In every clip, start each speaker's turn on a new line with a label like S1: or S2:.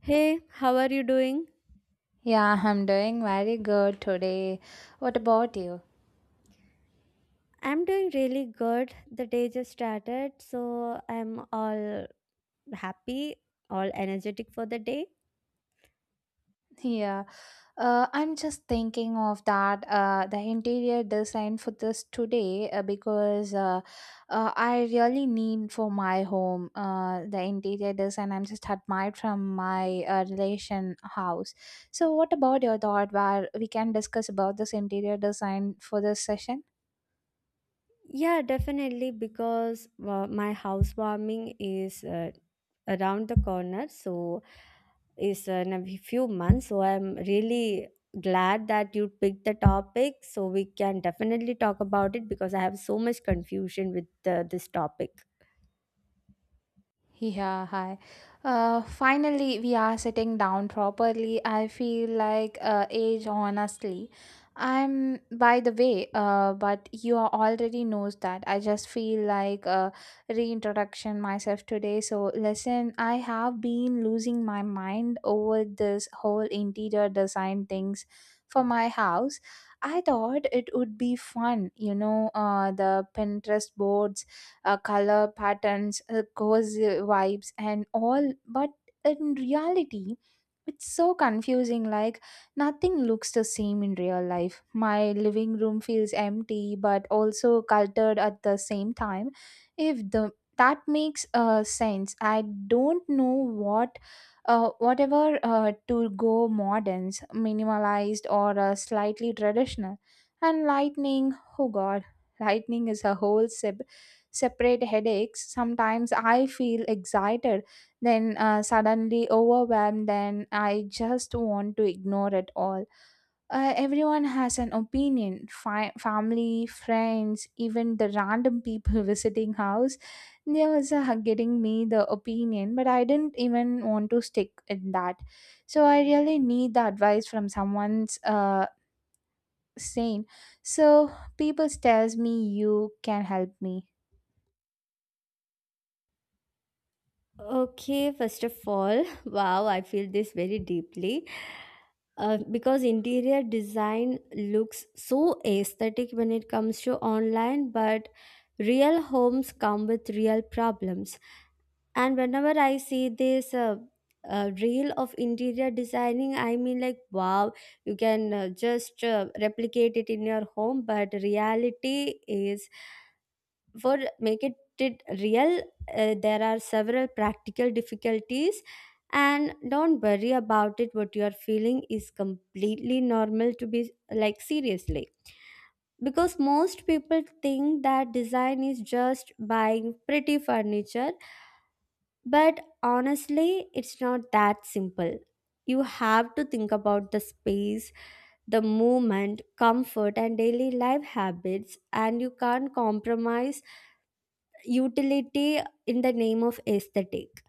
S1: Hey, how are you doing?
S2: Yeah, I'm doing very good today. What about you?
S1: I'm doing really good. The day just started, so I'm all happy, all energetic for the day.
S2: Yeah, I'm just thinking of that the interior design for this today because I really need for my home, the interior design. I'm just admired from my relation house. So, what about your thought? Where we can discuss about this interior design for this session?
S1: Yeah, definitely, because my housewarming is around the corner, so is in a few months. So I'm really glad that you picked the topic, so we can definitely talk about it because I have so much confusion with this topic.
S2: Yeah, hi. Finally, we are sitting down properly. I feel like age, honestly. I'm, by the way, but you are already knows that. I just feel like reintroduction myself today. So listen, I have been losing my mind over this whole interior design things for my house. I thought it would be fun, the Pinterest boards, color patterns, cozy vibes, and all. But in reality, it's so confusing. Like nothing looks the same in real life. My living room feels empty, but also cluttered at the same time. If the that makes sense. I don't know what whatever to go moderns, minimalized or slightly traditional. And lightning, oh god, lightning is a whole separate headaches. Sometimes I feel excited, then suddenly overwhelmed, then I just want to ignore it all. Everyone has an opinion family, friends, even the random people visiting house. They was getting me the opinion, but I didn't even want to stick in that. So I really need the advice from someone's sane. So people tells me you can help me.
S1: Okay, first of all, wow, I feel this very deeply. Because interior design looks so aesthetic when it comes to online, but real homes come with real problems. And whenever I see this reel of interior designing, I mean, like, wow, you can just replicate it in your home, but reality is, for making it real, there are several practical difficulties. And don't worry about it, what you are feeling is completely normal to be, like, seriously, because most people think that design is just buying pretty furniture, but honestly it's not that simple. You have to think about the space, the movement, comfort, and daily life habits, and you can't compromise utility in the name of aesthetic.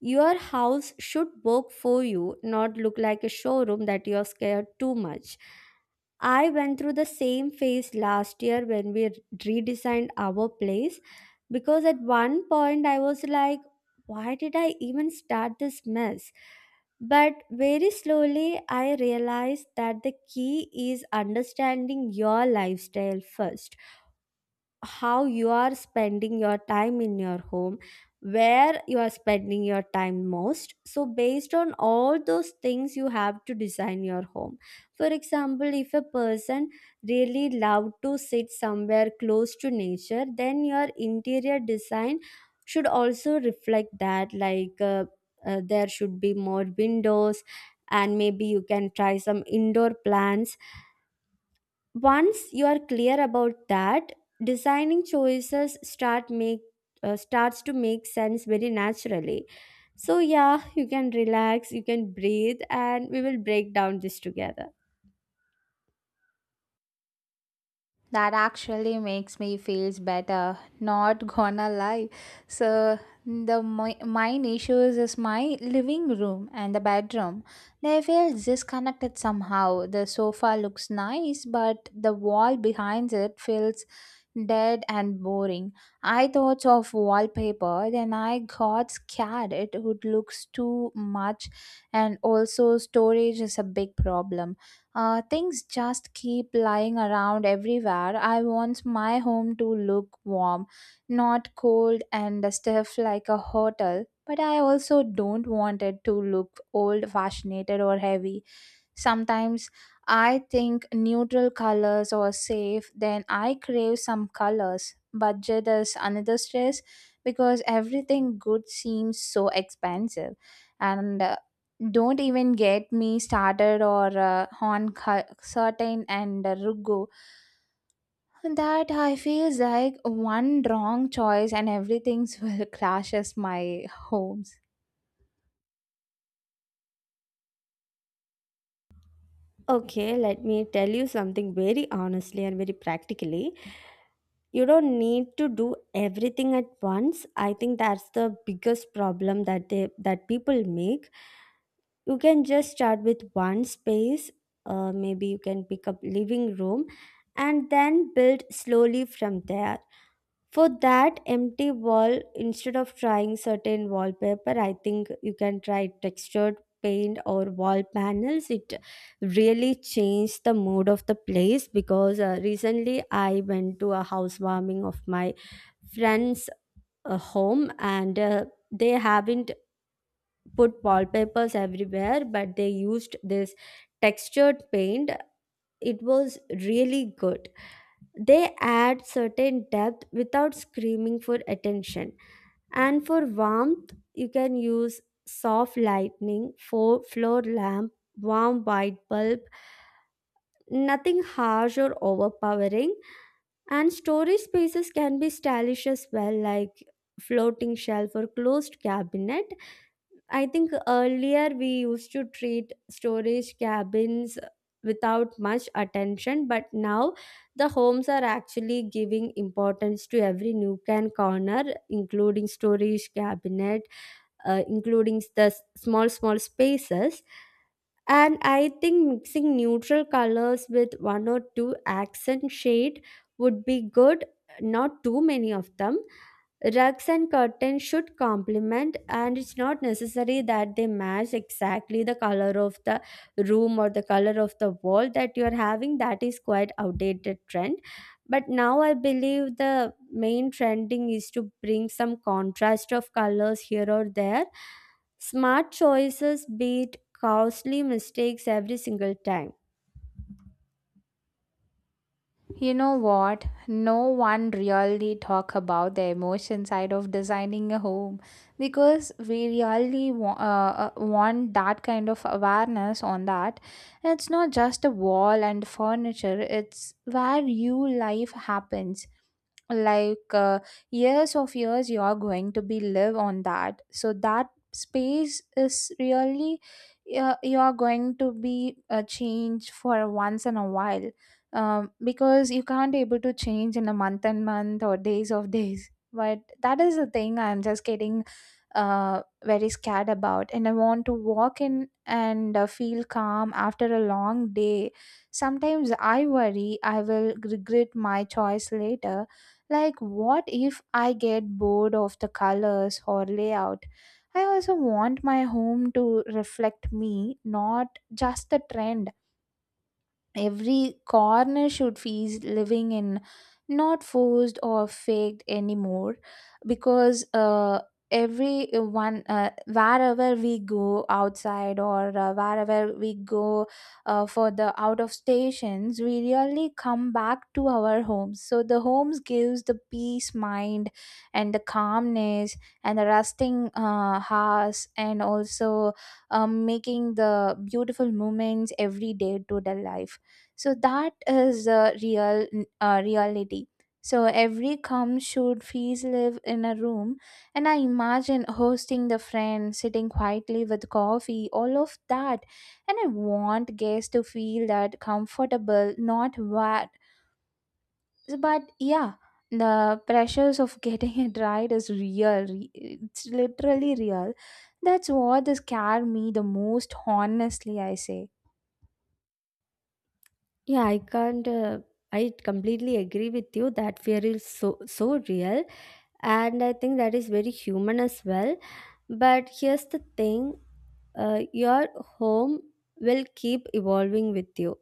S1: Your house should work for you, not look like a showroom that you are scared too much. I went through the same phase last year when we redesigned our place, because at one point I was like, why did I even start this mess? But very slowly, I realized that the key is understanding your lifestyle first, how you are spending your time in your home, where you are spending your time most. So based on all those things, you have to design your home. For example, if a person really love to sit somewhere close to nature, then your interior design should also reflect that, like there should be more windows, and maybe you can try some indoor plants. Once you are clear about that, designing choices start make, starts to make sense very naturally. So yeah, you can relax, you can breathe, and we will break down this together.
S2: That actually makes me feels better. Not gonna lie. So the my, mine issues is my living room and the bedroom. They feel disconnected somehow. The sofa looks nice, but the wall behind it feels dead and boring. I thought of wallpaper, then I got scared it would look too much, and also storage is a big problem. Things just keep lying around everywhere. I want my home to look warm, not cold and stiff like a hotel. But I also don't want it to look old, fashioned, or heavy. Sometimes I think neutral colors are safe, then I crave some colors. Budget is another stress because everything good seems so expensive. And Don't even get me started or on certain and rugo that I feels like one wrong choice and everything's will crashes my homes.
S1: Okay, let me tell you something very honestly and very practically. You don't need to do everything at once. I think that's the biggest problem that they that people make. You can just start with one space, maybe you can pick up living room, and then build slowly from there. For that empty wall, instead of trying certain wallpaper, I think you can try textured paint or wall panels. It really changed the mood of the place, because recently I went to a housewarming of my friend's home, and they haven't put wallpapers everywhere, but they used this textured paint. It was really good. They add certain depth without screaming for attention. And for warmth, you can use soft lightning, for floor lamp, warm white bulb, nothing harsh or overpowering. And storage spaces can be stylish as well, like floating shelf or closed cabinet. I think earlier we used to treat storage cabins without much attention, but now the homes are actually giving importance to every nook and corner, including storage cabinet, including the small small spaces. And I think mixing neutral colors with one or two accent shade would be good, not too many of them. Rugs and curtains should complement, and it's not necessary that they match exactly the color of the room or the color of the wall that you are having. That is quite outdated trend, but now I believe the main trending is to bring some contrast of colors here or there. Smart choices beat costly mistakes every single time.
S2: You know what? No one really talk about the emotion side of designing a home because we really want that kind of awareness on that. It's not just a wall and furniture, it's where you life happens like years of years you are going to be live on that, so that space is really you are going to be a change for once in a while, because you can't able to change in a month and month or days of days. But that is the thing I'm just getting very scared about, and I want to walk in and feel calm after a long day. Sometimes I worry I will regret my choice later, like, what if I get bored of the colors or layout? I also want my home to reflect me, not just the trend. Every corner should feel living in, not forced or faked anymore, because every one wherever we go outside or wherever we go for the out of stations, we really come back to our homes, so the homes gives the peace mind and the calmness and the resting house, and also making the beautiful moments every day to the life. So that is the real reality. So every come should fees live in a room, and I imagine hosting the friend sitting quietly with coffee, all of that, and I want guests to feel that comfortable, not what. But yeah, the pressures of getting it right it's literally real. That's what scared me the most, honestly I say.
S1: Yeah, I can't. I completely agree with you that fear is so real, and I think that is very human as well. But here's the thing: your home will keep evolving with you,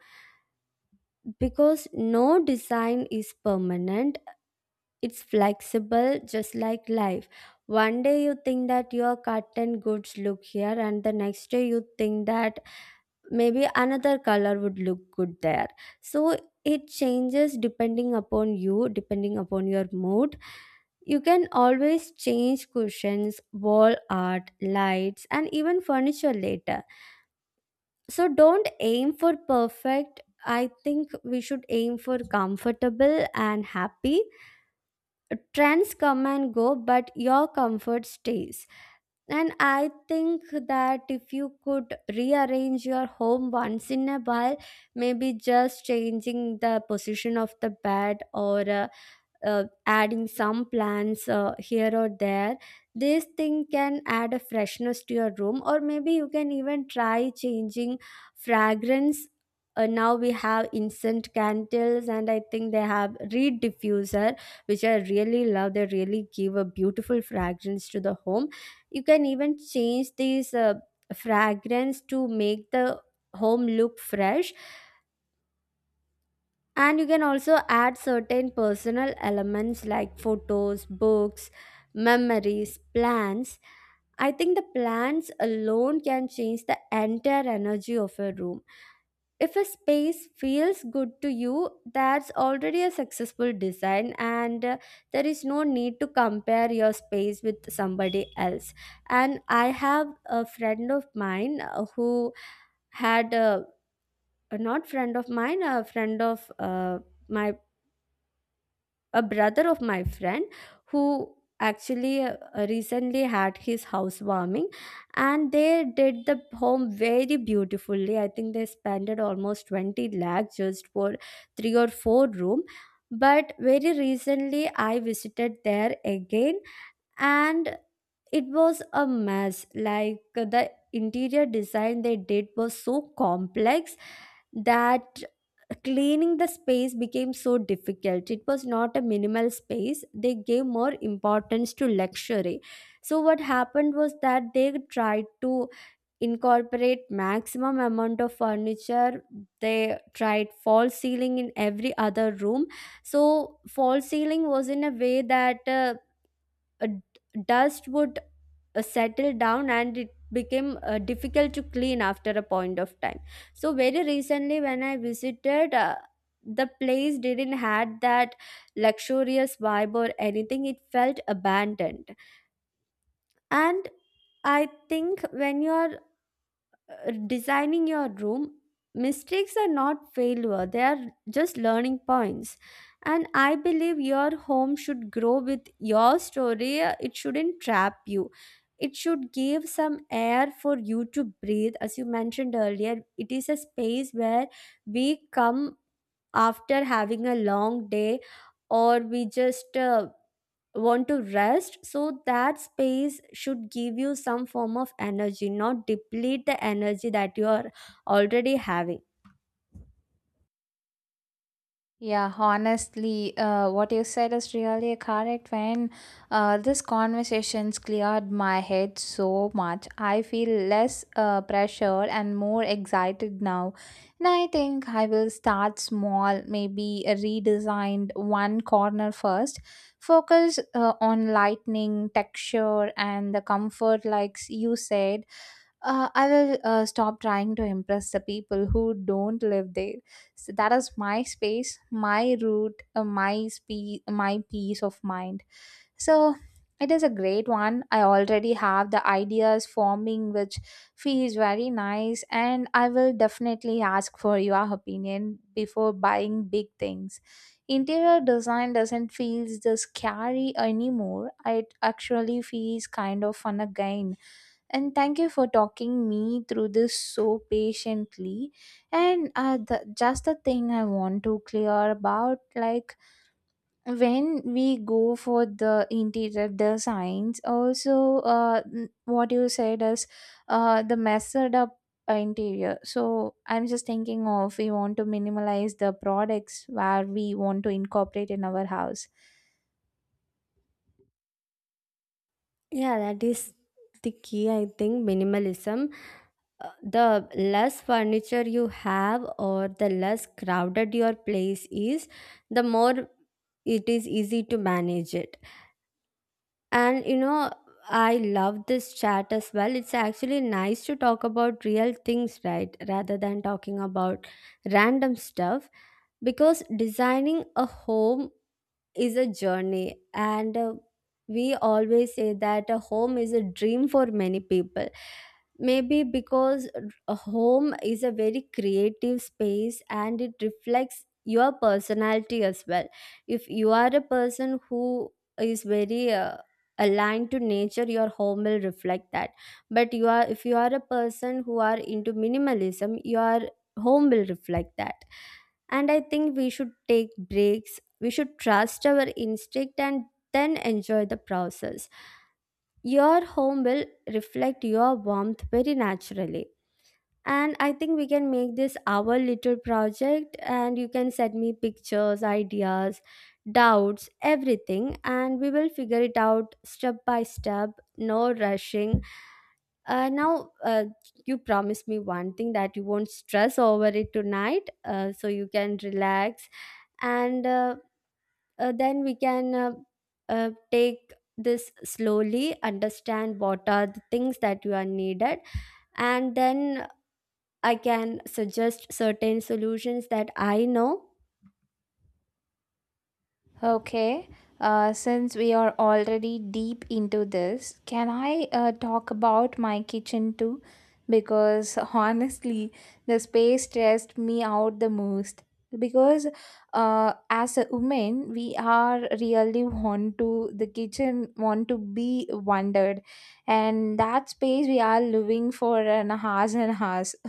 S1: because no design is permanent. It's flexible, just like life. One day you think that your cotton goods look here, and the next day you think that maybe another color would look good there. So it changes depending upon you, depending upon your mood. You can always change cushions, wall art, lights, and even furniture later. So don't aim for perfect. I think we should aim for comfortable and happy. Trends come and go, but your comfort stays. And I think that if you could rearrange your home once in a while, maybe just changing the position of the bed, or adding some plants here or there, this thing can add a freshness to your room. Or maybe you can even try changing fragrance. Now we have instant candles, and I think they have reed diffuser, which I really love. They really give a beautiful fragrance to the home. You can even change these fragrance to make the home look fresh. And you can also add certain personal elements like photos, books, memories, plants. I think the plants alone can change the entire energy of a room. If a space feels good to you, that's already a successful design. And there is no need to compare your space with somebody else. And I have a friend of mine who had a, not friend of mine, a friend of my, a brother of my friend, who actually recently had his housewarming, and they did the home very beautifully. I think they spent it almost 20 lakh just for three or four room. But very recently I visited there again, and it was a mess. Like the interior design they did was so complex that cleaning the space became so difficult. It was not a minimal space, they gave more importance to luxury. So what happened was that they tried to incorporate maximum amount of furniture. They tried false ceiling in every other room. So false ceiling was in a way that uh, d- dust would settle down, and it became difficult to clean after a point of time. So very recently when I visited, the place didn't had that luxurious vibe or anything, it felt abandoned. And I think when you are designing your room, mistakes are not failure, they are just learning points. And I believe your home should grow with your story. It shouldn't trap you. It should give some air for you to breathe. As you mentioned earlier, it is a space where we come after having a long day, or we just want to rest. So that space should give you some form of energy, not deplete the energy that you are already having.
S2: Yeah, honestly, what you said is really correct. When this conversation's cleared my head so much, I feel less pressure and more excited now. And I think I will start small, maybe redesigned one corner first. Focus on lightning, texture, and the comfort, like you said. I will stop trying to impress the people who don't live there. So that is my space, my route, my peace of mind. So it is a great one. I already have the ideas forming, which feels very nice, and I will definitely ask for your opinion before buying big things. Interior design doesn't feel the scary anymore. It actually feels kind of fun again, and thank you for talking me through this so patiently. And just the thing I want to clear about, like when we go for the interior designs also what you said is the method up interior. So I'm just thinking of we want to minimalize the products where we want to incorporate in our house.
S1: Yeah, that is the key. I think minimalism, the less furniture you have, or the less crowded your place is, the more it is easy to manage it. And you know, I love this chat as well. It's actually nice to talk about real things, right? Rather than talking about random stuff. Because designing a home is a journey, and we always say that a home is a dream for many people, maybe because a home is a very creative space and it reflects your personality as well. If you are a person who is very aligned to nature, your home will reflect that. But you are if you are a person who are into minimalism, your home will reflect that. And I think we should take breaks, we should trust our instinct, and then enjoy the process. Your home will reflect your warmth very naturally. And I think we can make this our little project, and you can send me pictures, ideas, doubts, everything, and we will figure it out step by step, no rushing. Now, you promise me one thing, that you won't stress over it tonight, so you can relax, and then we can take this slowly, understand what are the things that you are needed, and then I can suggest certain solutions that I know.
S2: Okay, since we are already deep into this, can I talk about my kitchen too? Because honestly, the space stressed me out the most. Because as a woman, we are really want to the kitchen, want to be wondered, and that space we are living for an hours and hours.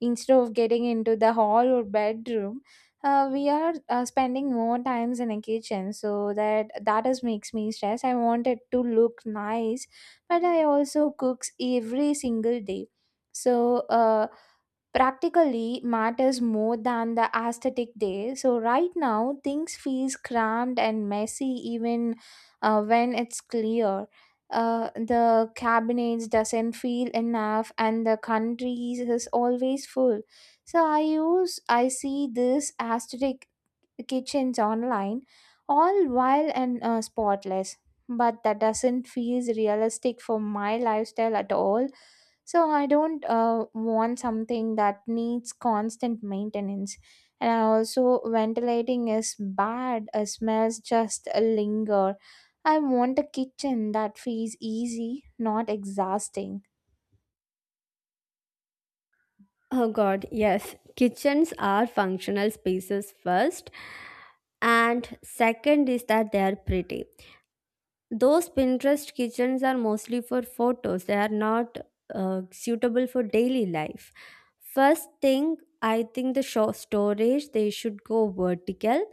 S2: Instead of getting into the hall or bedroom, we are spending more times in a kitchen, so that that is makes me stress. I want it to look nice, but I also cooks every single day. So practically matters more than the aesthetic day. So right now things feels cramped and messy even when it's clear. The cabinets doesn't feel enough and the countries is always full. So I use I see this aesthetic kitchens online, all wild and spotless. But that doesn't feel realistic for my lifestyle at all. So I don't want something that needs constant maintenance. And I also ventilating is bad. Smells just linger. I want a kitchen that feels easy, not exhausting.
S1: Oh god, yes, kitchens are functional spaces first, and second is that they are pretty. Those Pinterest kitchens are mostly for photos, they are not suitable for daily life. First thing, I think the show storage, they should go vertical,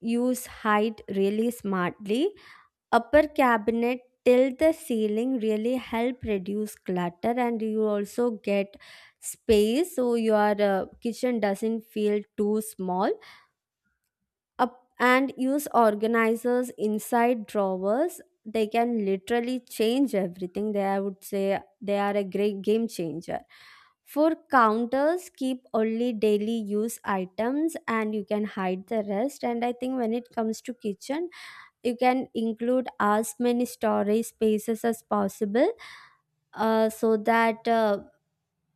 S1: use height really smartly. Upper cabinet till the ceiling really help reduce clutter, and you also get space so your kitchen doesn't feel too small. Up, and use organizers inside drawers, they can literally change everything. They I would say they are a great game changer. For counters, keep only daily use items and you can hide the rest. And I think when it comes to kitchen, you can include as many storage spaces as possible, so that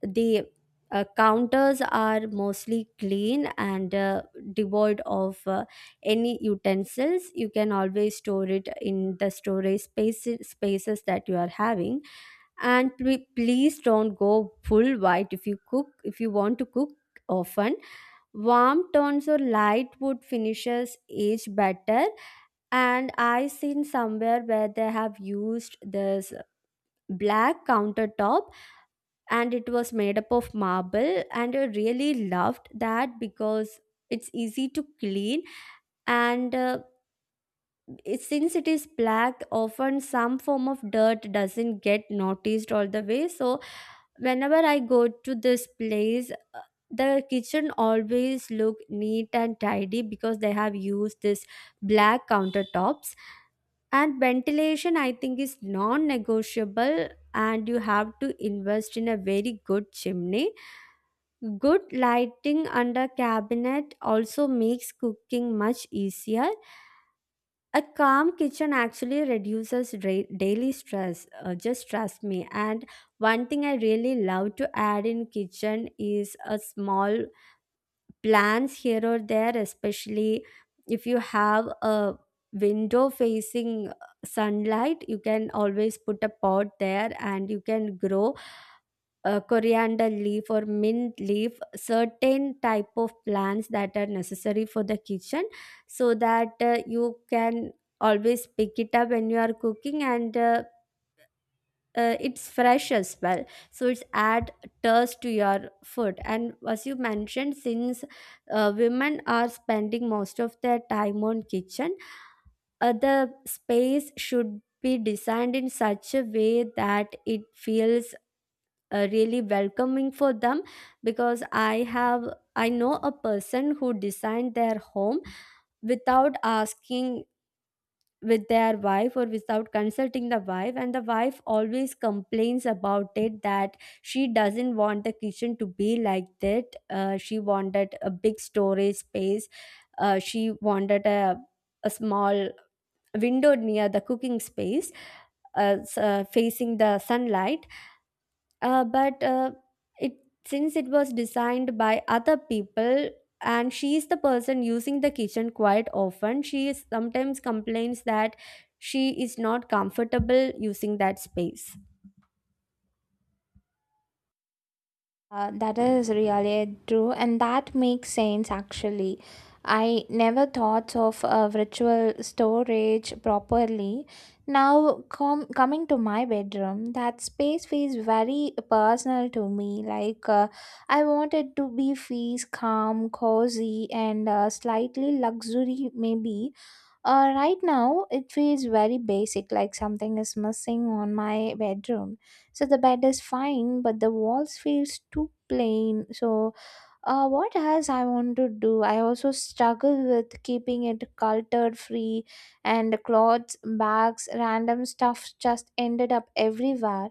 S1: the counters are mostly clean and devoid of any utensils. You can always store it in the storage space, spaces that you are having. Please don't go full white if you cook, if you want to cook often. Warm tones or light wood finishes age better. And I seen somewhere where they have used this black countertop, and it was made up of marble, and I really loved that because it's easy to clean and since it is black, often some form of dirt doesn't get noticed all the way. So whenever I go to this place, the kitchen always look neat and tidy because they have used this black countertops. And ventilation, I think, is non negotiable, and you have to invest in a very good chimney. Good lighting under cabinet also makes cooking much easier. A calm kitchen actually reduces daily stress. Just trust me. And one thing I really love to add in kitchen is a small plants here or there, especially if you have a window facing sunlight. You can always put a pot there, and you can grow coriander leaf or mint leaf, certain type of plants that are necessary for the kitchen, so that you can always pick it up when you are cooking, and it's fresh as well, so it's add taste to your food. And as you mentioned, since women are spending most of their time on kitchen, the space should be designed in such a way that it feels really welcoming for them, because I know a person who designed their home without asking with their wife, or without consulting the wife, and the wife always complains about it, that she doesn't want the kitchen to be like that. She wanted a big storage space. She wanted a small window near the cooking space, facing the sunlight. But it since it was designed by other people, and she is the person using the kitchen quite often, she is sometimes complains that she is not comfortable using that space.
S2: That is really true, and that makes sense actually. I never thought of virtual storage properly. Now, coming to my bedroom, that space feels very personal to me. Like, I want it to be feels calm, cozy, and slightly luxury, maybe. Right now, it feels very basic, like something is missing on my bedroom. So the bed is fine, but the walls feels too plain. So, what else I want to do? I also struggle with keeping it clutter free, and clothes, bags, random stuff just ended up everywhere.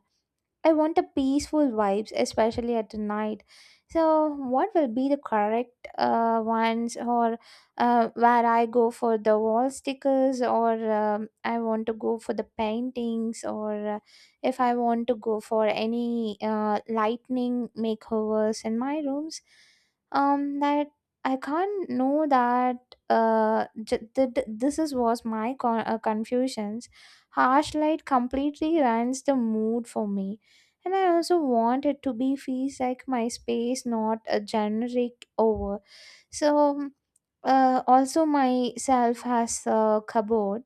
S2: I want the peaceful vibes, especially at the night. So, what will be the correct ones, or where I go for the wall stickers, or I want to go for the paintings, or if I want to go for any lightning makeovers in my rooms? That I can't know that this is was my confusions. Harsh light completely ruins the mood for me, and I also want it to be feels like my space, not a generic over. So also myself has a cupboard.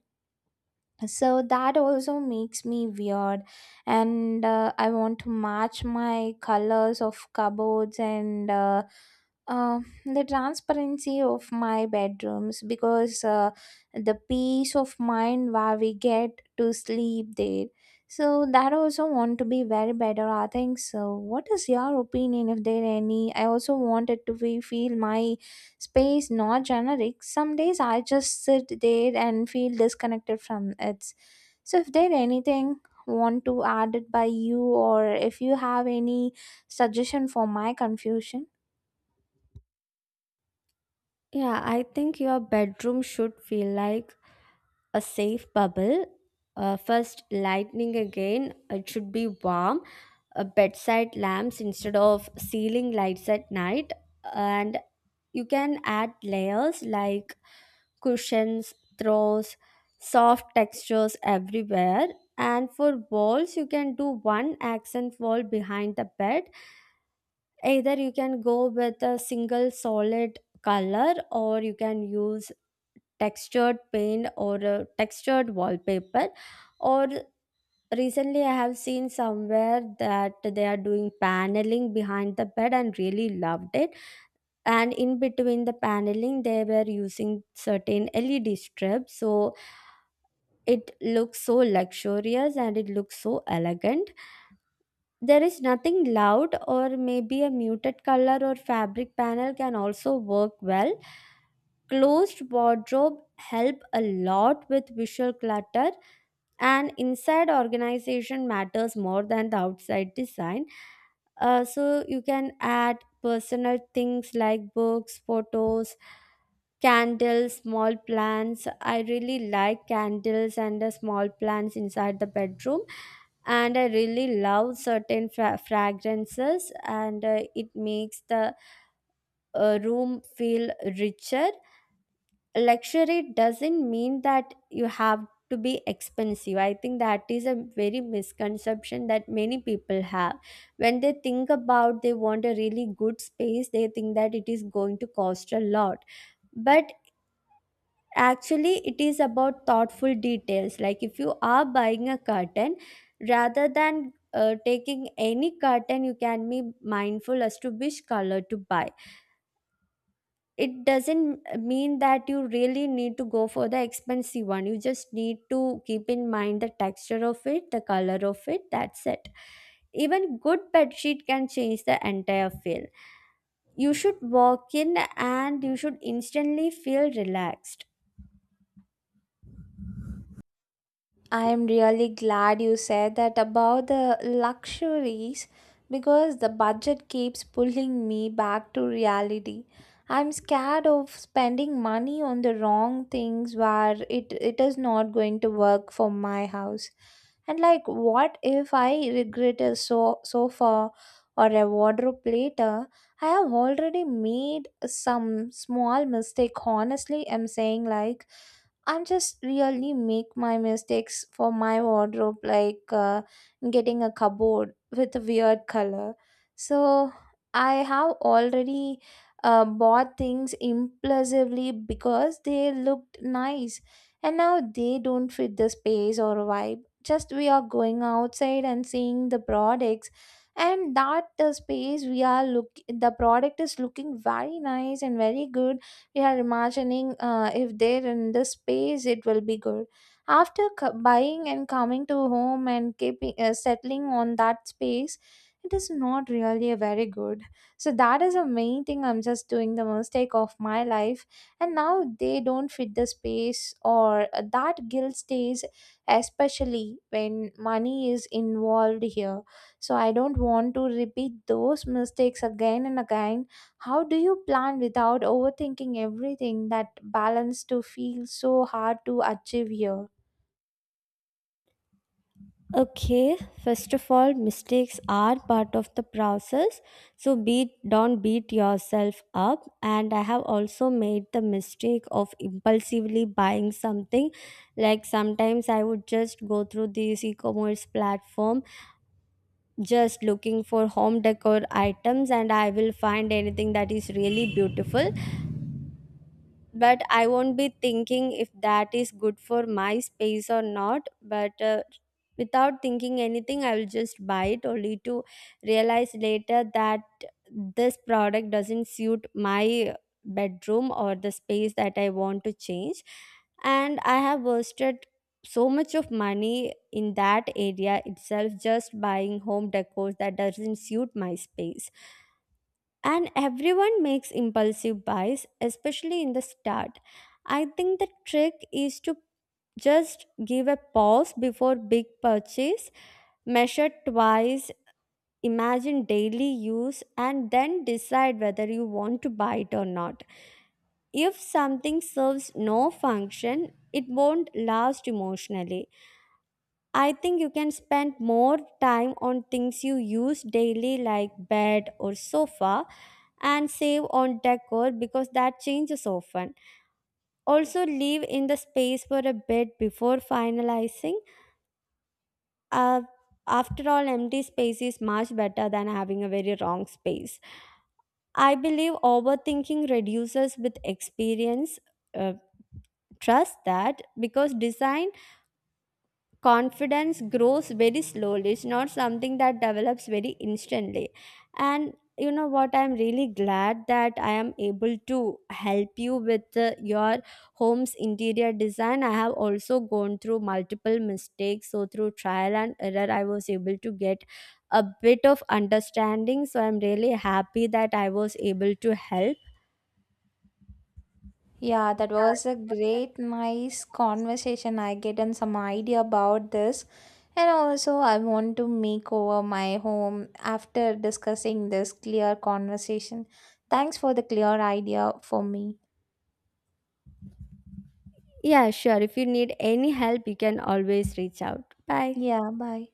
S2: So that also makes me weird, and I want to match my colors of cupboards and the transparency of my bedrooms, because the peace of mind where we get to sleep there, so that also want to be very better I think. So what is your opinion if there any? I also wanted to be, feel my space not generic. Some days I just sit there and feel disconnected from it. So if there anything want to add it by you, or if you have any suggestion for my confusion.
S1: Yeah, I think your bedroom should feel like a safe bubble. First, lightning again. It should be warm. Bedside lamps instead of ceiling lights at night. And you can add layers like cushions, throws, soft textures everywhere. And for walls, you can do one accent wall behind the bed. Either you can go with a single solid color, or you can use textured paint or a textured wallpaper, or recently I have seen somewhere that they are doing paneling behind the bed and really loved it. And in between the paneling they were using certain LED strips, so it looks so luxurious and it looks so elegant. There is nothing loud, or maybe a muted color or fabric panel can also work well. Closed wardrobe help a lot with visual clutter, and inside organization matters more than the outside design. So you can add personal things like books, photos, candles, small plants. I really like candles and the small plants inside the bedroom. And I really love certain fragrances, and it makes the room feel richer. Luxury doesn't mean that you have to be expensive. I think that is a very misconception that many people have. When they think about they want a really good space, they think that it is going to cost a lot, but actually it is about thoughtful details. Like if you are buying a curtain, rather than taking any curtain, you can be mindful as to which color to buy. It doesn't mean that you really need to go for the expensive one. You just need to keep in mind the texture of it, the color of it, that's it. Even good bed sheet can change the entire feel. You should walk in, and you should instantly feel relaxed.
S2: I am really glad you said that about the luxuries because the budget keeps pulling me back to reality. I'm scared of spending money on the wrong things where it is not going to work for my house. And like what if I regret a sofa or a wardrobe later? I have already made some small mistake. Honestly, I'm saying, like I'm just really make my mistakes for my wardrobe, like getting a cupboard with a weird color. So I have already bought things impulsively because they looked nice, and now they don't fit the space or vibe. Just we are going outside and seeing the products, and that the space we are look the product is looking very nice and very good. You are imagining if they're in the space it will be good. After buying and coming to home and keeping settling on that space, it is not really a very good. So that is a main thing I'm just doing the mistake of my life, and now they don't fit the space or that guilt stays, especially when money is involved here. So I don't want to repeat those mistakes again and again. How do you plan without overthinking everything? That balance to feel so hard to achieve here.
S1: Okay, first of all, mistakes are part of the process. So beat don't beat yourself up, and I have also made the mistake of impulsively buying something. Like sometimes I would just go through this e-commerce platform just looking for home decor items, and I will find anything that is really beautiful, but I won't be thinking if that is good for my space or not. But without thinking anything, I will just buy it, only to realize later that this product doesn't suit my bedroom or the space that I want to change. And I have wasted so much of money in that area itself, just buying home decors that doesn't suit my space. And everyone makes impulsive buys, especially in the start. I think the trick is to just give a pause before big purchase. Measure twice, imagine daily use, and then decide whether you want to buy it or not. If something serves no function, it won't last emotionally. I think you can spend more time on things you use daily, like bed or sofa, and save on decor, because that changes often. Also, leave in the space for a bit before finalizing. Uh, After all, empty space is much better than having a very wrong space. I believe overthinking reduces with experience. Uh, Trust that, because design confidence grows very slowly. It's not something that develops very instantly. And you know what, I'm really glad that I am able to help you with your home's interior design. I have also gone through multiple mistakes, so through trial and error I was able to get a bit of understanding. So I'm really happy that I was able to help.
S2: Yeah, that was a great, nice conversation. I get in some idea about this. And also, I want to make over my home after discussing this clear conversation. Thanks for the clear idea for me.
S1: Yeah, sure. If you need any help, you can always reach out. Bye.
S2: Yeah, bye.